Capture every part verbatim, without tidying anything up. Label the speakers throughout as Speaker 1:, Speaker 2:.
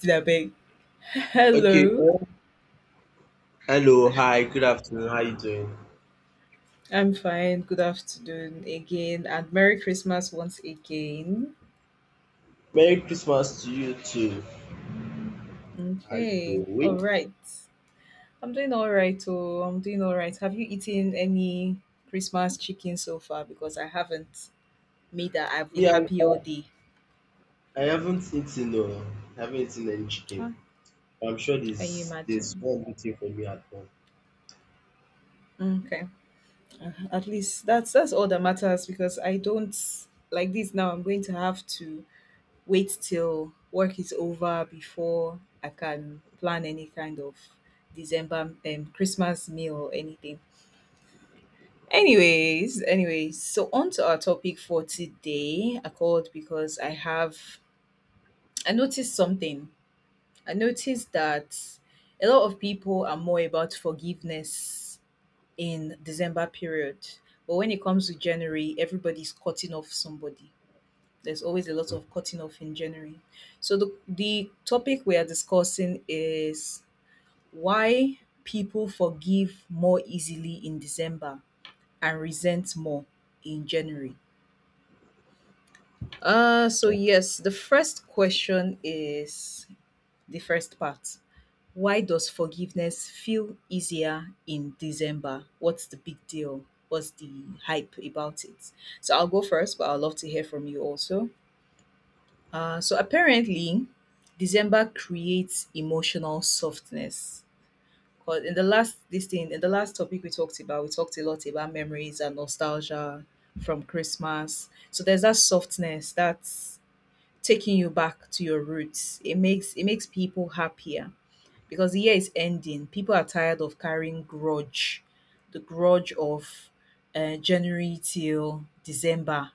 Speaker 1: Did I beg?
Speaker 2: Okay.
Speaker 1: Hello,
Speaker 2: um, Hello. Hi. Good afternoon. How you doing?
Speaker 1: I'm fine. Good afternoon again, and Merry Christmas once again.
Speaker 2: Merry Christmas to you too. How you
Speaker 1: Okay, all
Speaker 2: doing?
Speaker 1: right. I'm doing all right. Oh, I'm doing all right. Have you eaten any Christmas chicken so far? Because I haven't. Me that I've been
Speaker 2: Me, I'm,
Speaker 1: happy
Speaker 2: uh,
Speaker 1: all day.
Speaker 2: I haven't eaten. No, I haven't eaten any
Speaker 1: Ah,
Speaker 2: chicken. I'm sure
Speaker 1: can you
Speaker 2: there's there's
Speaker 1: imagine?
Speaker 2: one waiting for me at home.
Speaker 1: Okay, Uh, at least that's that's all that matters because I don't like this now. I'm going to have to wait till work is over before I can plan any kind of December um Christmas meal or anything. Anyways, anyways, so on to our topic for today. I called because I have I noticed something. I noticed that a lot of people are more about forgiveness in December period. But when it comes to January, everybody's cutting off somebody. There's always a lot of cutting off in January. So the the topic we are discussing is why people forgive more easily in December and resent more in January. Uh so yes, the first question is the first part. Why does forgiveness feel easier in December? What's the big deal? What's the hype about it? So I'll go first, but I'd love to hear from you also. Uh, so apparently, December creates emotional softness. Because in the last this thing, in the last topic we talked about, we talked a lot about memories and nostalgia from Christmas. So there's that softness that's taking you back to your roots. It makes it makes people happier because the year is ending. People are tired of carrying grudge, the grudge of uh, January till December,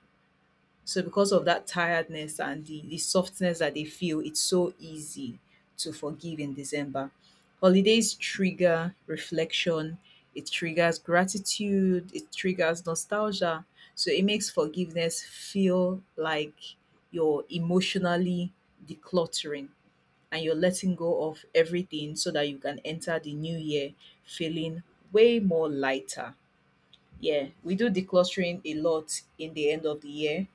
Speaker 1: so because of that tiredness and the, the softness that they feel, it's so easy to forgive in December. Holidays trigger reflection, it triggers gratitude, it triggers nostalgia. So it makes forgiveness feel like you're emotionally decluttering and you're letting go of everything so that you can enter the new year feeling way more lighter. Yeah, we do decluttering a lot in the end of the year,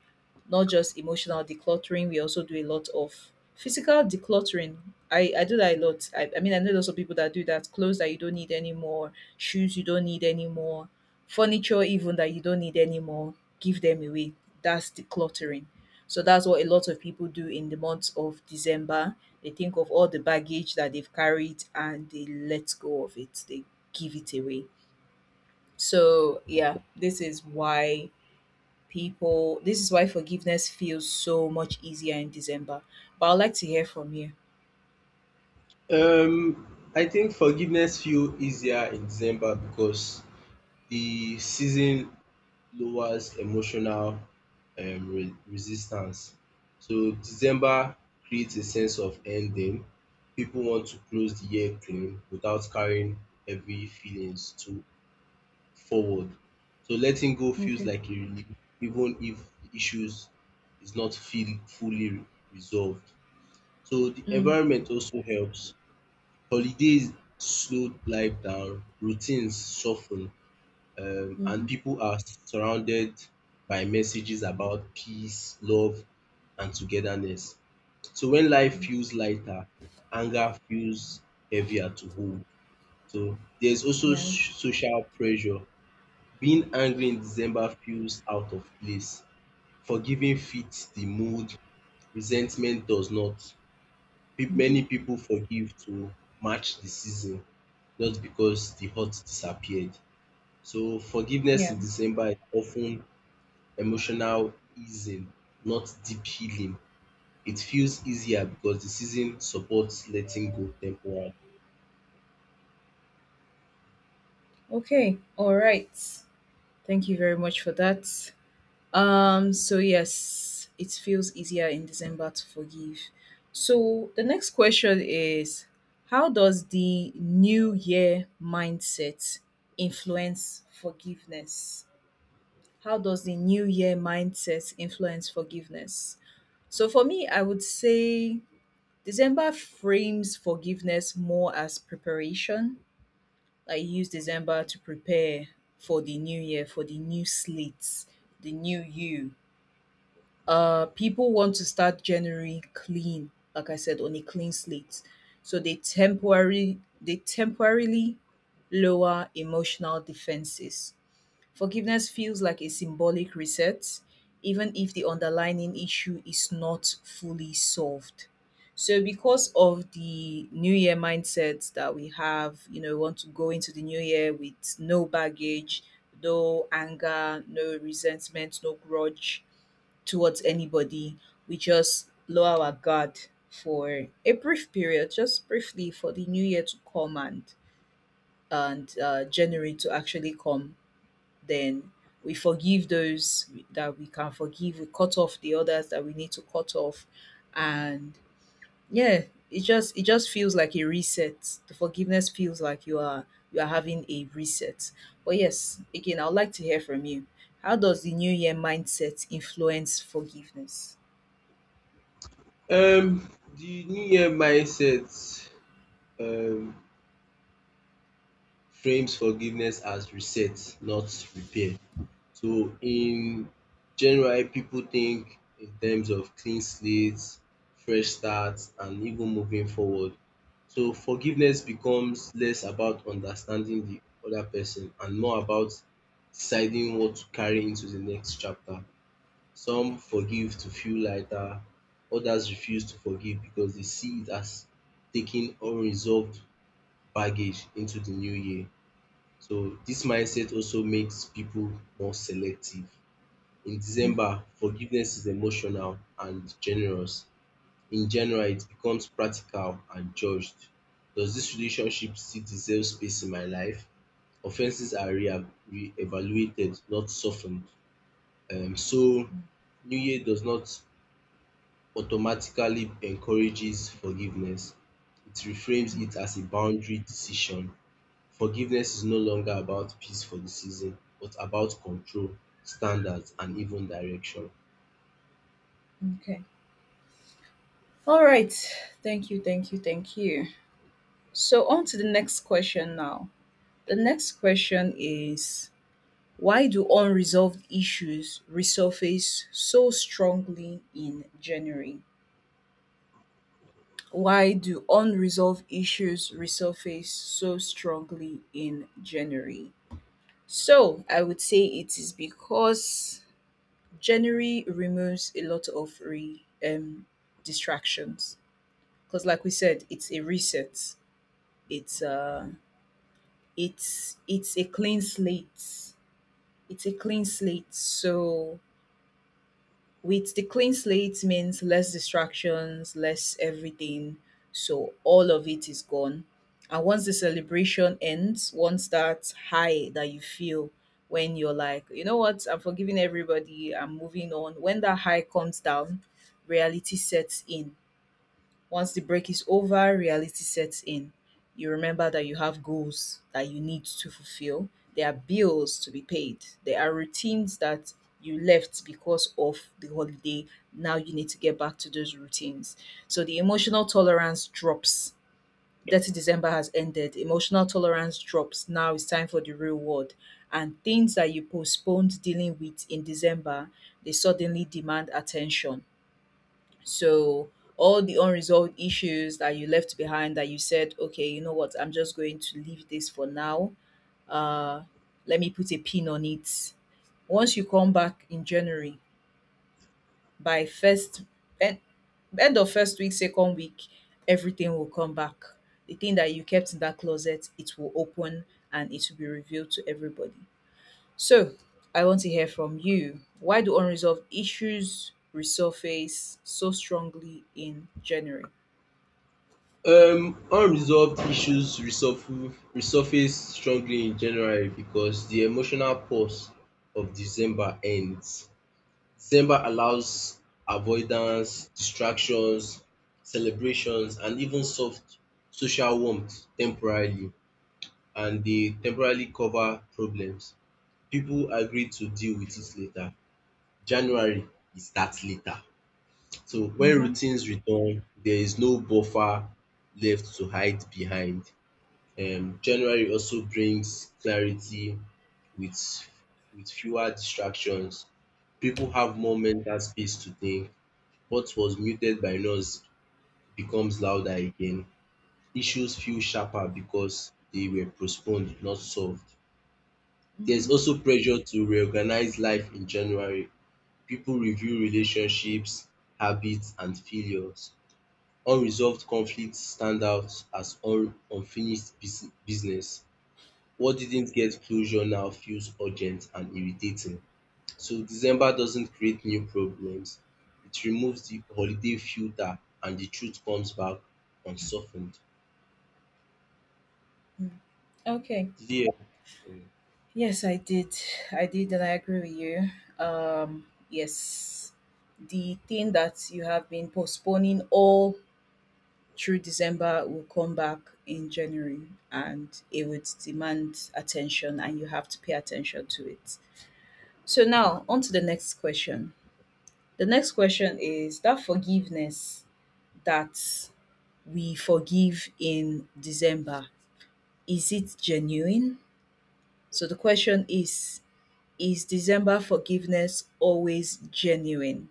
Speaker 1: not just emotional decluttering. We also do a lot of physical decluttering. I, I do that a lot. I, I mean, I know lots of people that do that. Clothes that you don't need anymore, shoes you don't need anymore, furniture even that you don't need anymore, give them away. That's decluttering. So that's what a lot of people do in the month of December. They think of all the baggage that they've carried and they let go of it. They give it away. So yeah, this is why people. This is why forgiveness feels so much easier in December. But I'd like to hear from you.
Speaker 2: Um, I think forgiveness feel easier in December because the season lowers emotional um re- resistance. So December creates a sense of ending. People want to close the year clean without carrying heavy feelings to forward. So letting go feels
Speaker 1: Okay.
Speaker 2: like a relief, even if the issues is not feel fully re- resolved. So the
Speaker 1: Mm.
Speaker 2: environment also helps. Holidays slow life down, routines soften, um,
Speaker 1: Mm-hmm.
Speaker 2: and people are surrounded by messages about peace, love, and togetherness. So when life feels lighter, anger feels heavier to hold. So there's also
Speaker 1: Yeah.
Speaker 2: s- social pressure. Being angry in December feels out of place. Forgiving fits the mood. Resentment does not. Pe-
Speaker 1: Mm-hmm.
Speaker 2: Many people forgive to match the season, not because the hurt disappeared. So forgiveness
Speaker 1: Yeah.
Speaker 2: in December is often emotional easing, not deep healing. It feels easier because the season supports letting go temporarily.
Speaker 1: Okay, all right. Thank you very much for that. Um. So yes, it feels easier in December to forgive. So the next question is, how does the New Year mindset influence forgiveness? How does the New Year mindset influence forgiveness? So for me, I would say December frames forgiveness more as preparation. I use December to prepare for the new year, for the new slates, the new you. Uh, people want to start January clean, like I said, on a clean slate. So they temporarily they temporarily lower emotional defenses. Forgiveness feels like a symbolic reset, even if the underlying issue is not fully solved. So, because of the new year mindset that we have, you know, we want to go into the new year with no baggage, no anger, no resentment, no grudge towards anybody. We just lower our guard for a brief period, just briefly, for the new year to come, and and uh, January to actually come, then we forgive those that we can forgive, we cut off the others that we need to cut off, and yeah, it just it just feels like a reset. The forgiveness feels like you are you are having a reset. But yes, again, I'd like to hear from you. How does the new year mindset influence forgiveness?
Speaker 2: Um, the New Year mindset um frames forgiveness as reset, not repair. So in general, people think in terms of clean slates, fresh starts, and even moving forward. So forgiveness becomes less about understanding the other person and more about deciding what to carry into the next chapter. Some forgive to feel lighter, others refuse to forgive because they see it as taking unresolved baggage into the new year. So this mindset also makes people more selective. In
Speaker 1: Mm,
Speaker 2: December, forgiveness is emotional and generous. In January, it becomes practical and judged. Does this relationship still deserve space in my life? Offenses are re- re-evaluated, not softened. Um, so,
Speaker 1: mm,
Speaker 2: New Year does not automatically encourages forgiveness. It reframes
Speaker 1: mm,
Speaker 2: it as a boundary decision. Forgiveness is no longer about peace for the season, but about control, standards, and even direction.
Speaker 1: okay, all right. Thank you, thank you, thank you. So on to the next question now. The next question is, why do unresolved issues resurface so strongly in January? Why do unresolved issues resurface so strongly in January? So, I would say it is because January removes a lot of re, um, distractions. Because, like we said, it's a reset. It's uh, it's it's a clean slate. It's a clean slate. So with the clean slate means less distractions, less everything. So all of it is gone. And once the celebration ends, once that high that you feel when you're like, you know what, I'm forgiving everybody, I'm moving on. When that high comes down, reality sets in. Once the break is over, reality sets in. You remember that you have goals that you need to fulfill. There are bills to be paid. There are routines that you left because of the holiday. Now you need to get back to those routines. So the emotional tolerance drops. thirty december has ended. Emotional tolerance drops. Now it's time for the real world. And things that you postponed dealing with in December, they suddenly demand attention. So all the unresolved issues that you left behind that you said, okay, you know what, I'm just going to leave this for now. Uh, Let me put a pin on it. Once you come back in January, by first end, end of first week, second week, everything will come back. The thing that you kept in that closet, it will open and it will be revealed to everybody. So I want to hear from you. Why do unresolved issues resurface so strongly in January?
Speaker 2: Um unresolved issues resurf- resurface strongly in January because the emotional pause of December ends. December allows avoidance, distractions, celebrations and even soft social warmth temporarily and they temporarily cover problems. People agree to deal with it later. January is that later. So when
Speaker 1: Mhm,
Speaker 2: routines return, there is no buffer left to hide behind. um January also brings clarity with with fewer distractions. People have more mental space to think. What was muted by noise becomes louder again. Issues feel sharper because they were postponed, not solved. There's
Speaker 1: mhm.
Speaker 2: also pressure to reorganize life in January. People review relationships, habits, and failures. Unresolved conflicts stand out as un unfinished bus business. What didn't get closure now feels urgent and irritating. So December doesn't create new problems. It removes the holiday filter and the truth comes back unsoftened.
Speaker 1: Mm. Okay.
Speaker 2: Yeah.
Speaker 1: Yes, I did. I did, and I agree with you. Um, yes, the thing that you have been postponing all through December will come back in January, and it would demand attention, and you have to pay attention to it. So now, on to the next question. The next question is that forgiveness that we forgive in December, is it genuine? So the question is Is December forgiveness always genuine?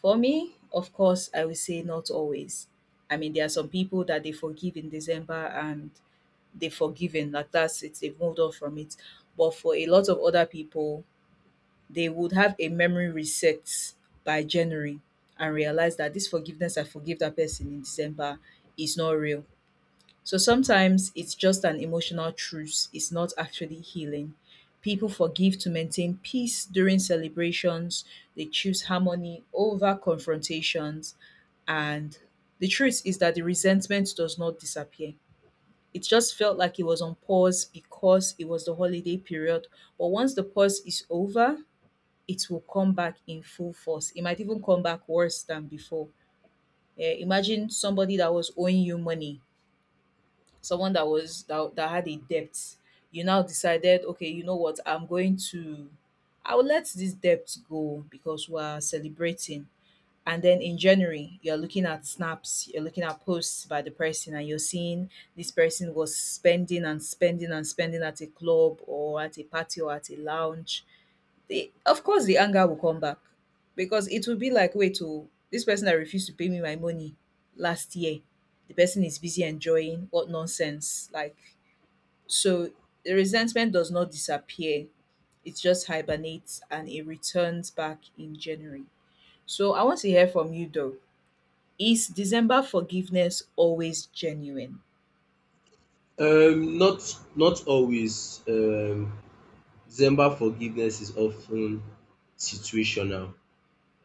Speaker 1: For me, of course, I will say not always. I mean, there are some people that they forgive in December and they've forgiven, like that's it, they've moved on from it. But for a lot of other people, they would have a memory reset by January and realize that this forgiveness I forgive that person in December is not real. So sometimes it's just an emotional truce, it's not actually healing. People forgive to maintain peace during celebrations, they choose harmony over confrontations, and the truth is that the resentment does not disappear. It just felt like it was on pause because it was the holiday period. But once the pause is over, it will come back in full force. It might even come back worse than before. Eh, imagine somebody that was owing you money, someone that was that, that had a debt, you now decided, okay, you know what, I'm going to I'll let this debt go because we're celebrating. And then in January you're looking at snaps, you're looking at posts by the person and you're seeing this person was spending and spending and spending at a club or at a party or at a lounge. The Of course the anger will come back because it will be like, wait oh, this person that refused to pay me my money last year, the person is busy enjoying what nonsense. Like, so the resentment does not disappear. It just hibernates and it returns back in January. So I want to hear from you though. Is December forgiveness always genuine?
Speaker 2: Um not not always. Um December forgiveness is often situational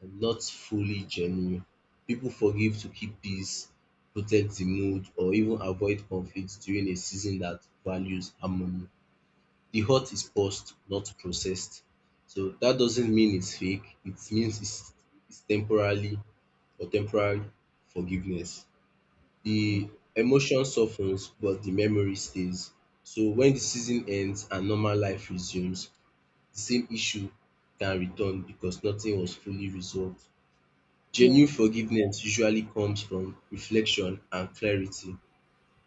Speaker 2: and not fully genuine. People forgive to keep peace, protect the mood or even avoid conflict during a season that values harmony. The hurt is paused, not processed. So that doesn't mean it's fake. It means it's, it's temporarily or temporary forgiveness.
Speaker 1: Mm,
Speaker 2: The emotion softens, but the memory stays. So when the season ends and normal life resumes, the same issue can return because nothing was fully resolved.
Speaker 1: yeah.
Speaker 2: Genuine forgiveness usually comes from reflection and clarity.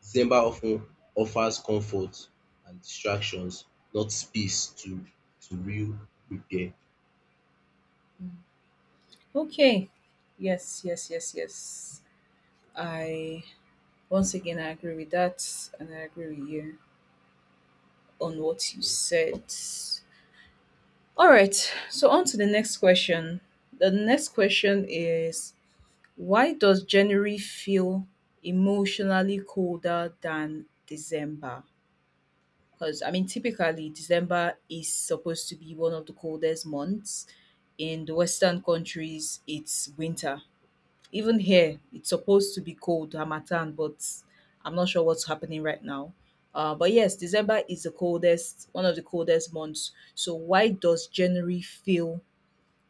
Speaker 2: December often offers comfort and distractions, not space to to real repair.
Speaker 1: Mm. Okay. Yes, yes, yes, yes. I Once again I agree with that and I agree with you on what you said. All right. So on to the next question. The next question is, why does January feel emotionally colder than December? Because, I mean, typically December is supposed to be one of the coldest months. In the Western countries, it's winter. Even here, it's supposed to be cold, Hamatan, but I'm not sure what's happening right now. Uh, but yes, December is the coldest, one of the coldest months. So, why does January feel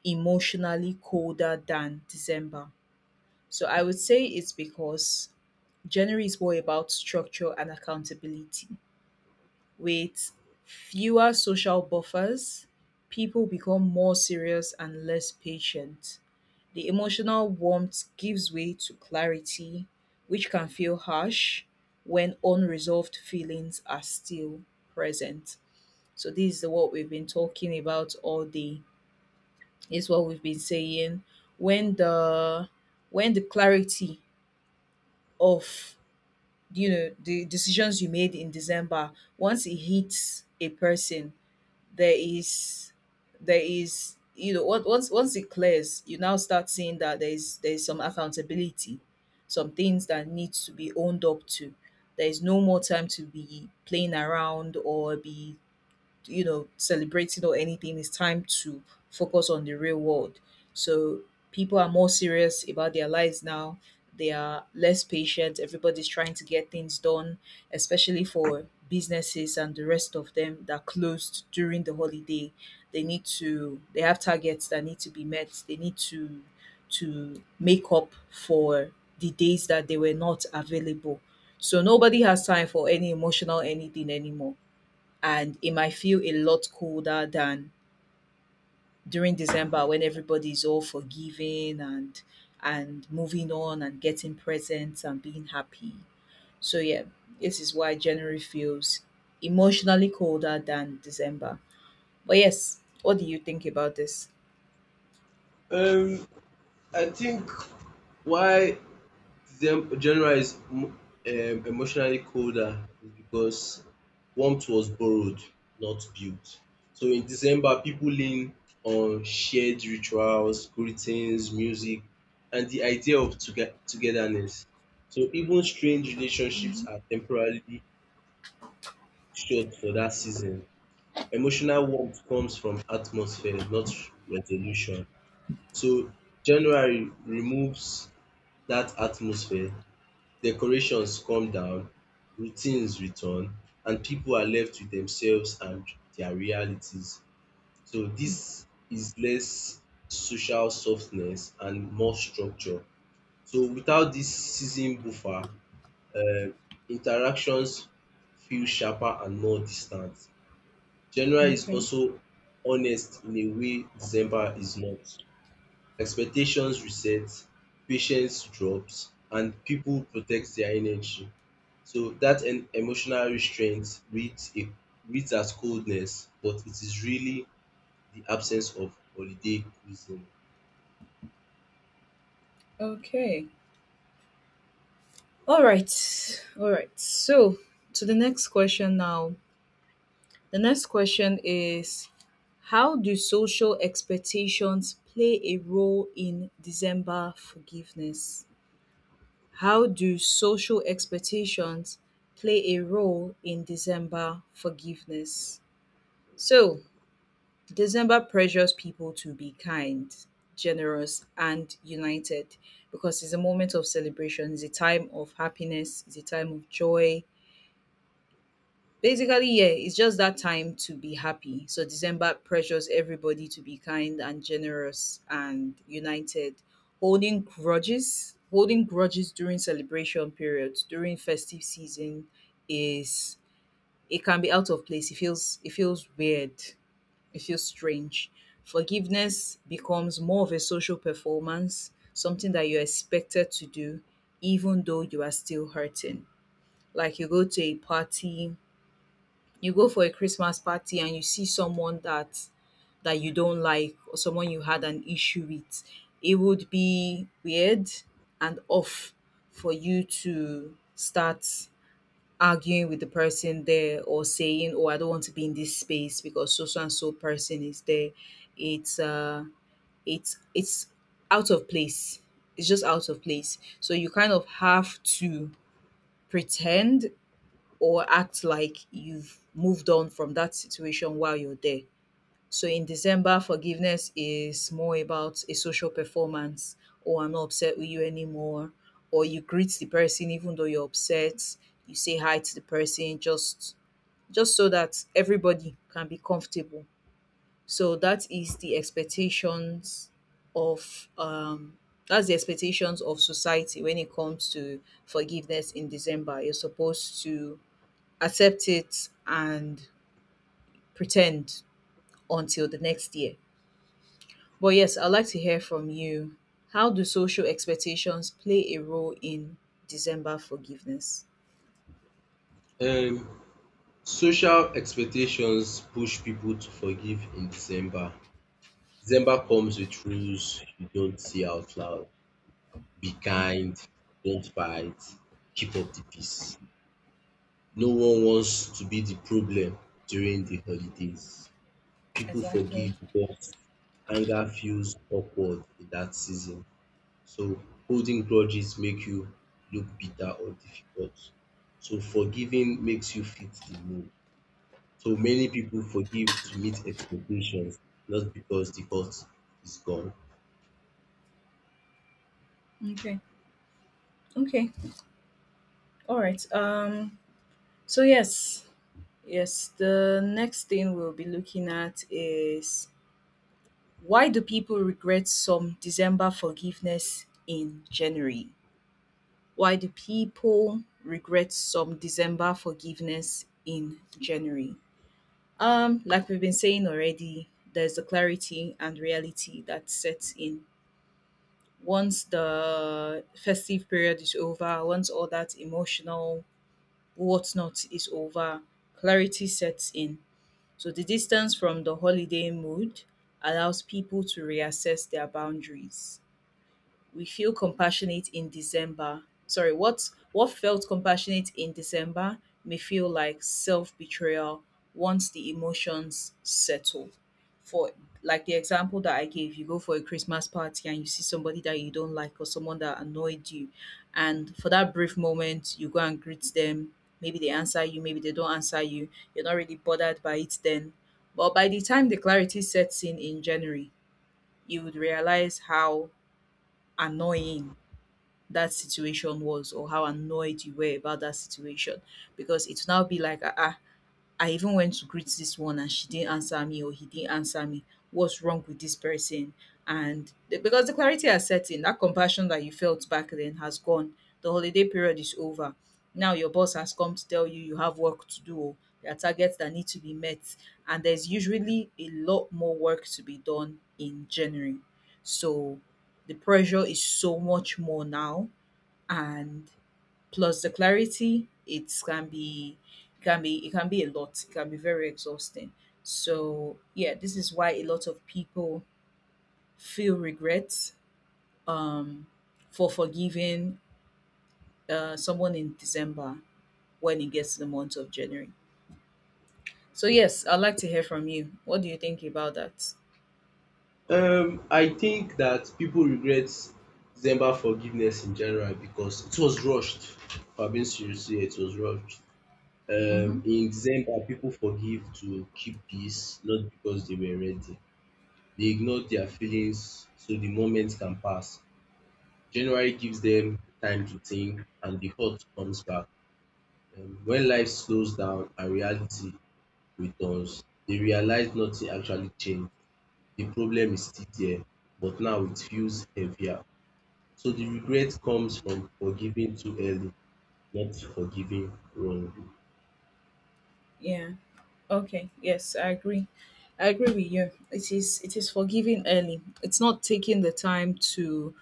Speaker 1: emotionally colder than December? So I would say it's because January is more about structure and accountability. With fewer social buffers, people become more serious and less patient. The emotional warmth gives way to clarity, which can feel harsh when unresolved feelings are still present. So, this is what we've been talking about all day. Is what we've been saying. When the when the clarity of you know the decisions you made in December once it hits a person, there is there is you know what once once it clears, you now start seeing that there is there is some accountability, some things that needs to be owned up to. There is no more time to be playing around or be, you know celebrating or anything. It's time to focus on the real world. So people are more serious about their lives now. They are less patient, everybody's trying to get things done, especially for businesses and the rest of them that closed during the holiday. They need to they have targets that need to be met. They need to to make up for the days that they were not available. So nobody has time for any emotional anything anymore, and it might feel a lot colder than during December when everybody's all forgiving and and moving on and getting presents and being happy. So yeah, this is why January feels emotionally colder than December. But yes, what do you think about this?
Speaker 2: Um, I think why December January is um, emotionally colder is because warmth was borrowed, not built. So in December, people lean on shared rituals, greetings, music, and the idea of toge- togetherness. So even strange relationships are temporarily shut for that season. Emotional warmth comes from atmosphere, not resolution. So January removes that atmosphere, decorations come down, routines return, and people are left with themselves and their realities. So this is less social softness and more structure. So without this season buffer, um interactions feel sharper and more distant. January is
Speaker 1: Okay.
Speaker 2: also honest in a way December is not. Expectations reset, patience drops, and people protect their energy. So that en- emotional restraint reads a, reads as coldness, but it is really the absence of holiday cuisine.
Speaker 1: Okay. All right. All right. So, to the next question now. The next question is, how do social expectations play a role in December forgiveness? How do social expectations play a role in December forgiveness? So, December pressures people to be kind, generous, and united because it's a moment of celebration, it's a time of happiness, it's a time of joy. Basically, yeah, it's just that time to be happy. So December pressures everybody to be kind and generous and united. Holding grudges, holding grudges during celebration periods, during festive season, is it can be out of place. It feels it feels weird. It feels strange. Forgiveness becomes more of a social performance, something that you're expected to do even though you are still hurting. Like you go to a party, you go for a Christmas party and you see someone that that you don't like or someone you had an issue with. It would be weird and off for you to start arguing with the person there or saying, "Oh, I don't want to be in this space because so so and so person is there." It's uh, it's it's out of place. It's just out of place. So you kind of have to pretend or act like you've moved on from that situation while you're there. So in December, forgiveness is more about a social performance, or I'm not upset with you anymore, or you greet the person even though you're upset, you say hi to the person just just so that everybody can be comfortable. So that is the expectations of um that's the expectations of society when it comes to forgiveness in December. You're supposed to accept it and pretend until the next year. But yes, I'd like to hear from you. How do social expectations play a role in December forgiveness?
Speaker 2: Um, social expectations push people to forgive in December. December comes with rules you don't see out loud. Be kind, don't fight, keep up the peace. No one wants to be the problem during the holidays. People
Speaker 1: Exactly.
Speaker 2: forgive because anger feels awkward in that season. So holding grudges make you look bitter or difficult. So forgiving makes you fit the mood. So many people forgive to meet expectations, not because the hurt is gone.
Speaker 1: Okay. Okay. All right. Um so yes, yes, the next thing we'll be looking at is, why do people regret some December forgiveness in January? Why do people regret some December forgiveness in January? Um, like we've been saying already, there's the clarity and reality that sets in. Once the festive period is over, once all that emotional whatnot is over, clarity sets in. So the distance from the holiday mood allows people to reassess their boundaries. We feel compassionate in December. Sorry, what what felt compassionate in December may feel like self betrayal once the emotions settle. For, like the example that I gave, you go for a Christmas party and you see somebody that you don't like or someone that annoyed you, and for that brief moment you go and greet them. Maybe they answer you, maybe they don't answer you. You're not really bothered by it then. But by the time the clarity sets in in January, you would realize how annoying that situation was or how annoyed you were about that situation, because it will now be like, ah, ah, I even went to greet this one and she didn't answer me or he didn't answer me. What's wrong with this person? And the- because the clarity has set in, that compassion that you felt back then has gone. The holiday period is over. Now your boss has come to tell you you have work to do. oh, There are targets that need to be met, and there's usually a lot more work to be done in January. So the pressure is so much more now, and plus the clarity, it can be it can be it can be a lot, it can be very exhausting. So yeah, this is why a lot of people feel regret, um for forgiving uh someone in December when it gets to the month of January. So yes, I'd like to hear from you, what do you think about that?
Speaker 2: Um, I think that people regret December forgiveness in January because it was rushed. If I'm being serious here, it was rushed.
Speaker 1: Mm-hmm.
Speaker 2: Um, in December, people forgive to keep peace, not because they were ready. They ignore their feelings so the moment can pass. January gives them time to think and the hurt comes back. Um, when life slows down and reality returns, they realize nothing actually changed. The problem is still there, but now it feels heavier. So the regret comes from forgiving too early, not forgiving wrongly.
Speaker 1: Yeah. Okay, yes, I agree. I agree with you. It is it is forgiving early. It's not taking the time to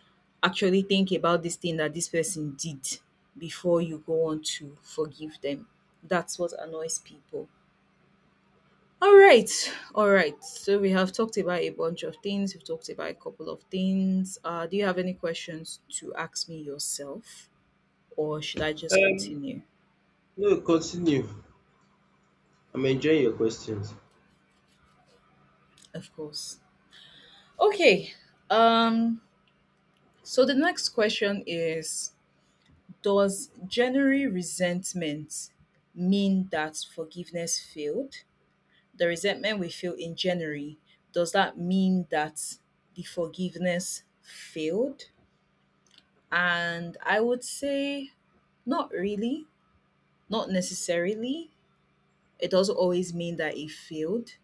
Speaker 1: actually think about this thing that this person did before you go on to forgive them. That's what annoys people. All right. All right. So we have talked about a bunch of things. We've talked about a couple of things. Uh, do you have any questions to ask me yourself, or should I just
Speaker 2: Um,
Speaker 1: continue?
Speaker 2: no, continue. I'm enjoying your questions.
Speaker 1: Of course. Okay. Um so the next question is, does January resentment mean that forgiveness failed? The resentment we feel in January, does that mean that the forgiveness failed? And I would say not really, not necessarily. It doesn't always mean that it failed.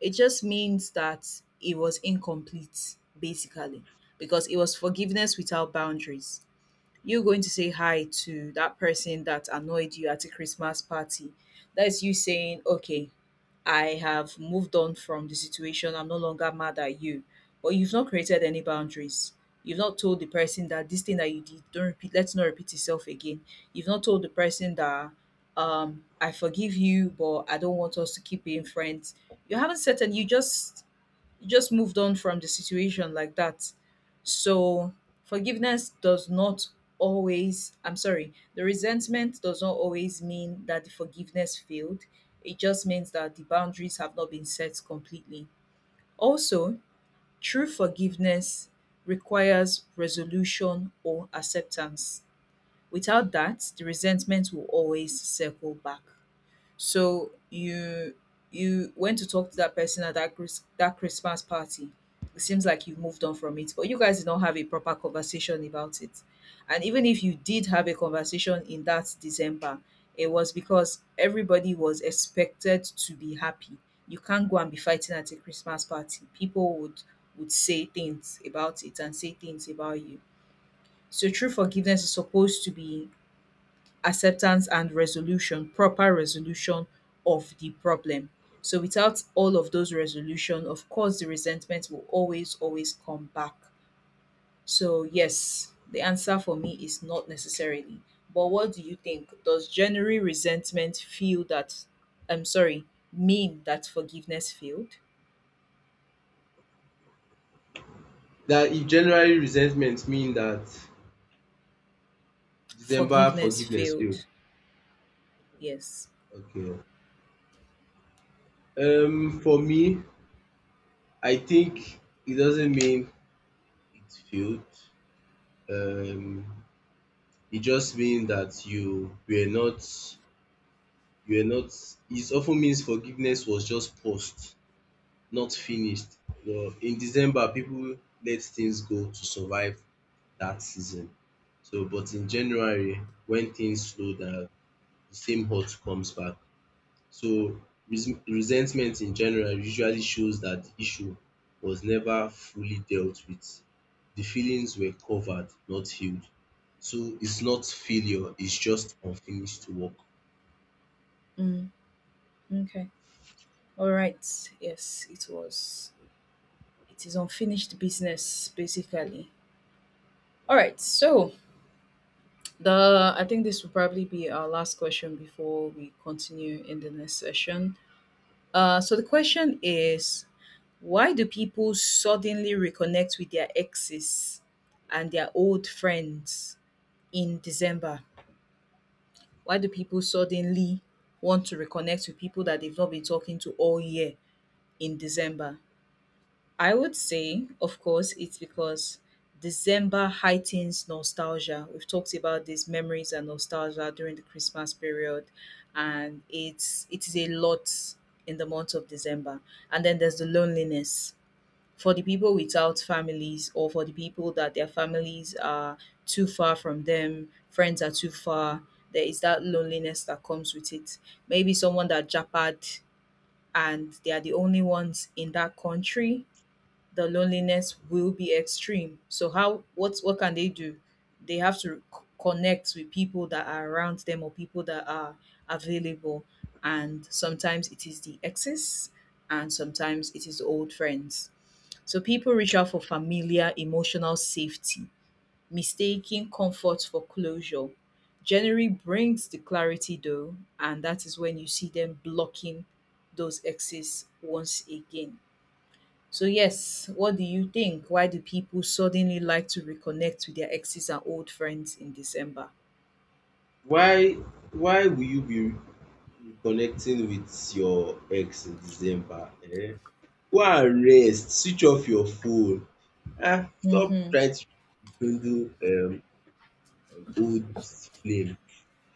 Speaker 1: It just means that it was incomplete, basically, because it was forgiveness without boundaries. You going to say hi to that person that annoyed you at a Christmas party, that's you saying, okay, I have moved on from the situation. I'm no longer mad at you. But you've not created any boundaries. You've not told the person that this thing that you did, don't repeat, let's not repeat itself again. You've not told the person that, um, I forgive you, but I don't want us to keep being friends. You haven't set and you just you just moved on from the situation like that. So forgiveness does not always, I'm sorry, the resentment does not always mean that the forgiveness failed. It just means that the boundaries have not been set completely. Also, true forgiveness requires resolution or acceptance. Without that, the resentment will always circle back. So you you went to talk to that person at that Chris, that Christmas party. It seems like you've moved on from it, but you guys did not have a proper conversation about it. And even if you did have a conversation in that December, it was because everybody was expected to be happy. You can't go and be fighting at a Christmas party. People would would say things about it and say things about you. So true forgiveness is supposed to be acceptance and resolution proper resolution of the problem. So without all of those resolution, of course, the resentment will always always come back. So yes, the answer for me is not necessarily. But what do you think? Does January resentment feel that I'm sorry mean that forgiveness failed?
Speaker 2: That if January resentment mean that December
Speaker 1: Forgiveness
Speaker 2: forgiveness failed.
Speaker 1: failed, yes.
Speaker 2: Okay. Um, for me, I think it doesn't mean it failed. Um, it just means that you were not you were not it often means forgiveness was just paused, not finished. But in December people let things go to survive that season. So but in January when things slow down the same hurt comes back. So res- resentment in January usually shows that the issue was never fully dealt with. The feelings were covered not healed. So it's not failure, it's just unfinished work.
Speaker 1: Mm, okay, all right. Yes, it was it is unfinished business, basically. All right, so the I think this will probably be our last question before we continue in the next session. Uh, so the question is, why do people suddenly reconnect with their exes and their old friends in December? Why do people suddenly want to reconnect with people that they've not been talking to all year in December? I would say, of course, it's because December heightens nostalgia. We've talked about these memories and nostalgia during the Christmas period, and it's it is a lot in the month of December. And then there's the loneliness for the people without families, or for the people that their families are too far from them, friends are too far. There is that loneliness that comes with it. Maybe someone that japad and they are the only ones in that country, the loneliness will be extreme. So how, what what can they do? They have to c- connect with people that are around them or people that are available. And sometimes it is the exes, and sometimes it is old friends. So people reach out for familiar emotional safety, mistaking comfort for closure. January brings the clarity though, and that is when you see them blocking those exes once again. So yes, what do you think? Why do people suddenly like to reconnect with their exes and old friends in December?
Speaker 2: Why why will you be reconnecting with your ex in December? Um go and rest, switch off your phone. Ah, stop
Speaker 1: Mm-hmm.
Speaker 2: trying to rekindle um old flame.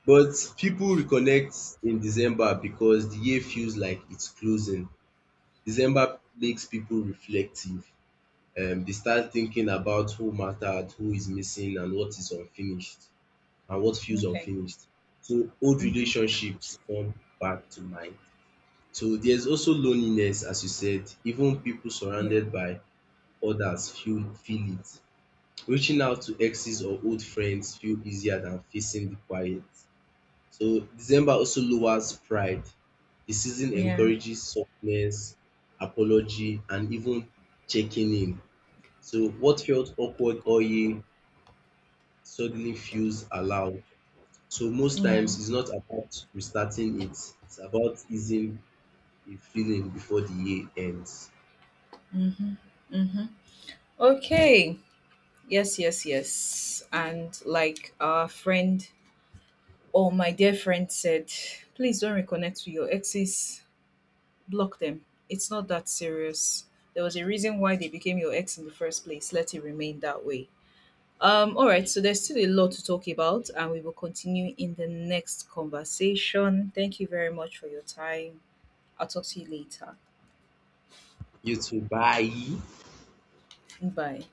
Speaker 2: But people reconnect in December because the year feels like it's closing. December makes people reflective, um they start thinking about who mattered, who is missing and what is unfinished and what feels
Speaker 1: Okay.
Speaker 2: unfinished. So old
Speaker 1: Mm-hmm.
Speaker 2: relationships come back to mind. So there's also loneliness as you said, even people
Speaker 1: Yeah.
Speaker 2: surrounded by others feel feel it. Reaching out to exes or old friends feel easier than facing the quiet. So December also lowers pride. The season
Speaker 1: Yeah.
Speaker 2: encourages softness, apology and even checking in. So what felt awkward all year suddenly feels allowed. So most
Speaker 1: Yeah.
Speaker 2: times it's not about restarting it, it's about easing a feeling before the year ends.
Speaker 1: Mm-hmm. Okay. Yes, yes, yes. And like our friend or my dear friend said, please don't reconnect with your exes. Block them. It's not that serious. There was a reason why they became your ex in the first place. Let it remain that way. Um, all right, so there's still a lot to talk about, and we will continue in the next conversation. Thank you very much for your time. I'll talk to you later.
Speaker 2: You too. Bye.
Speaker 1: Bye.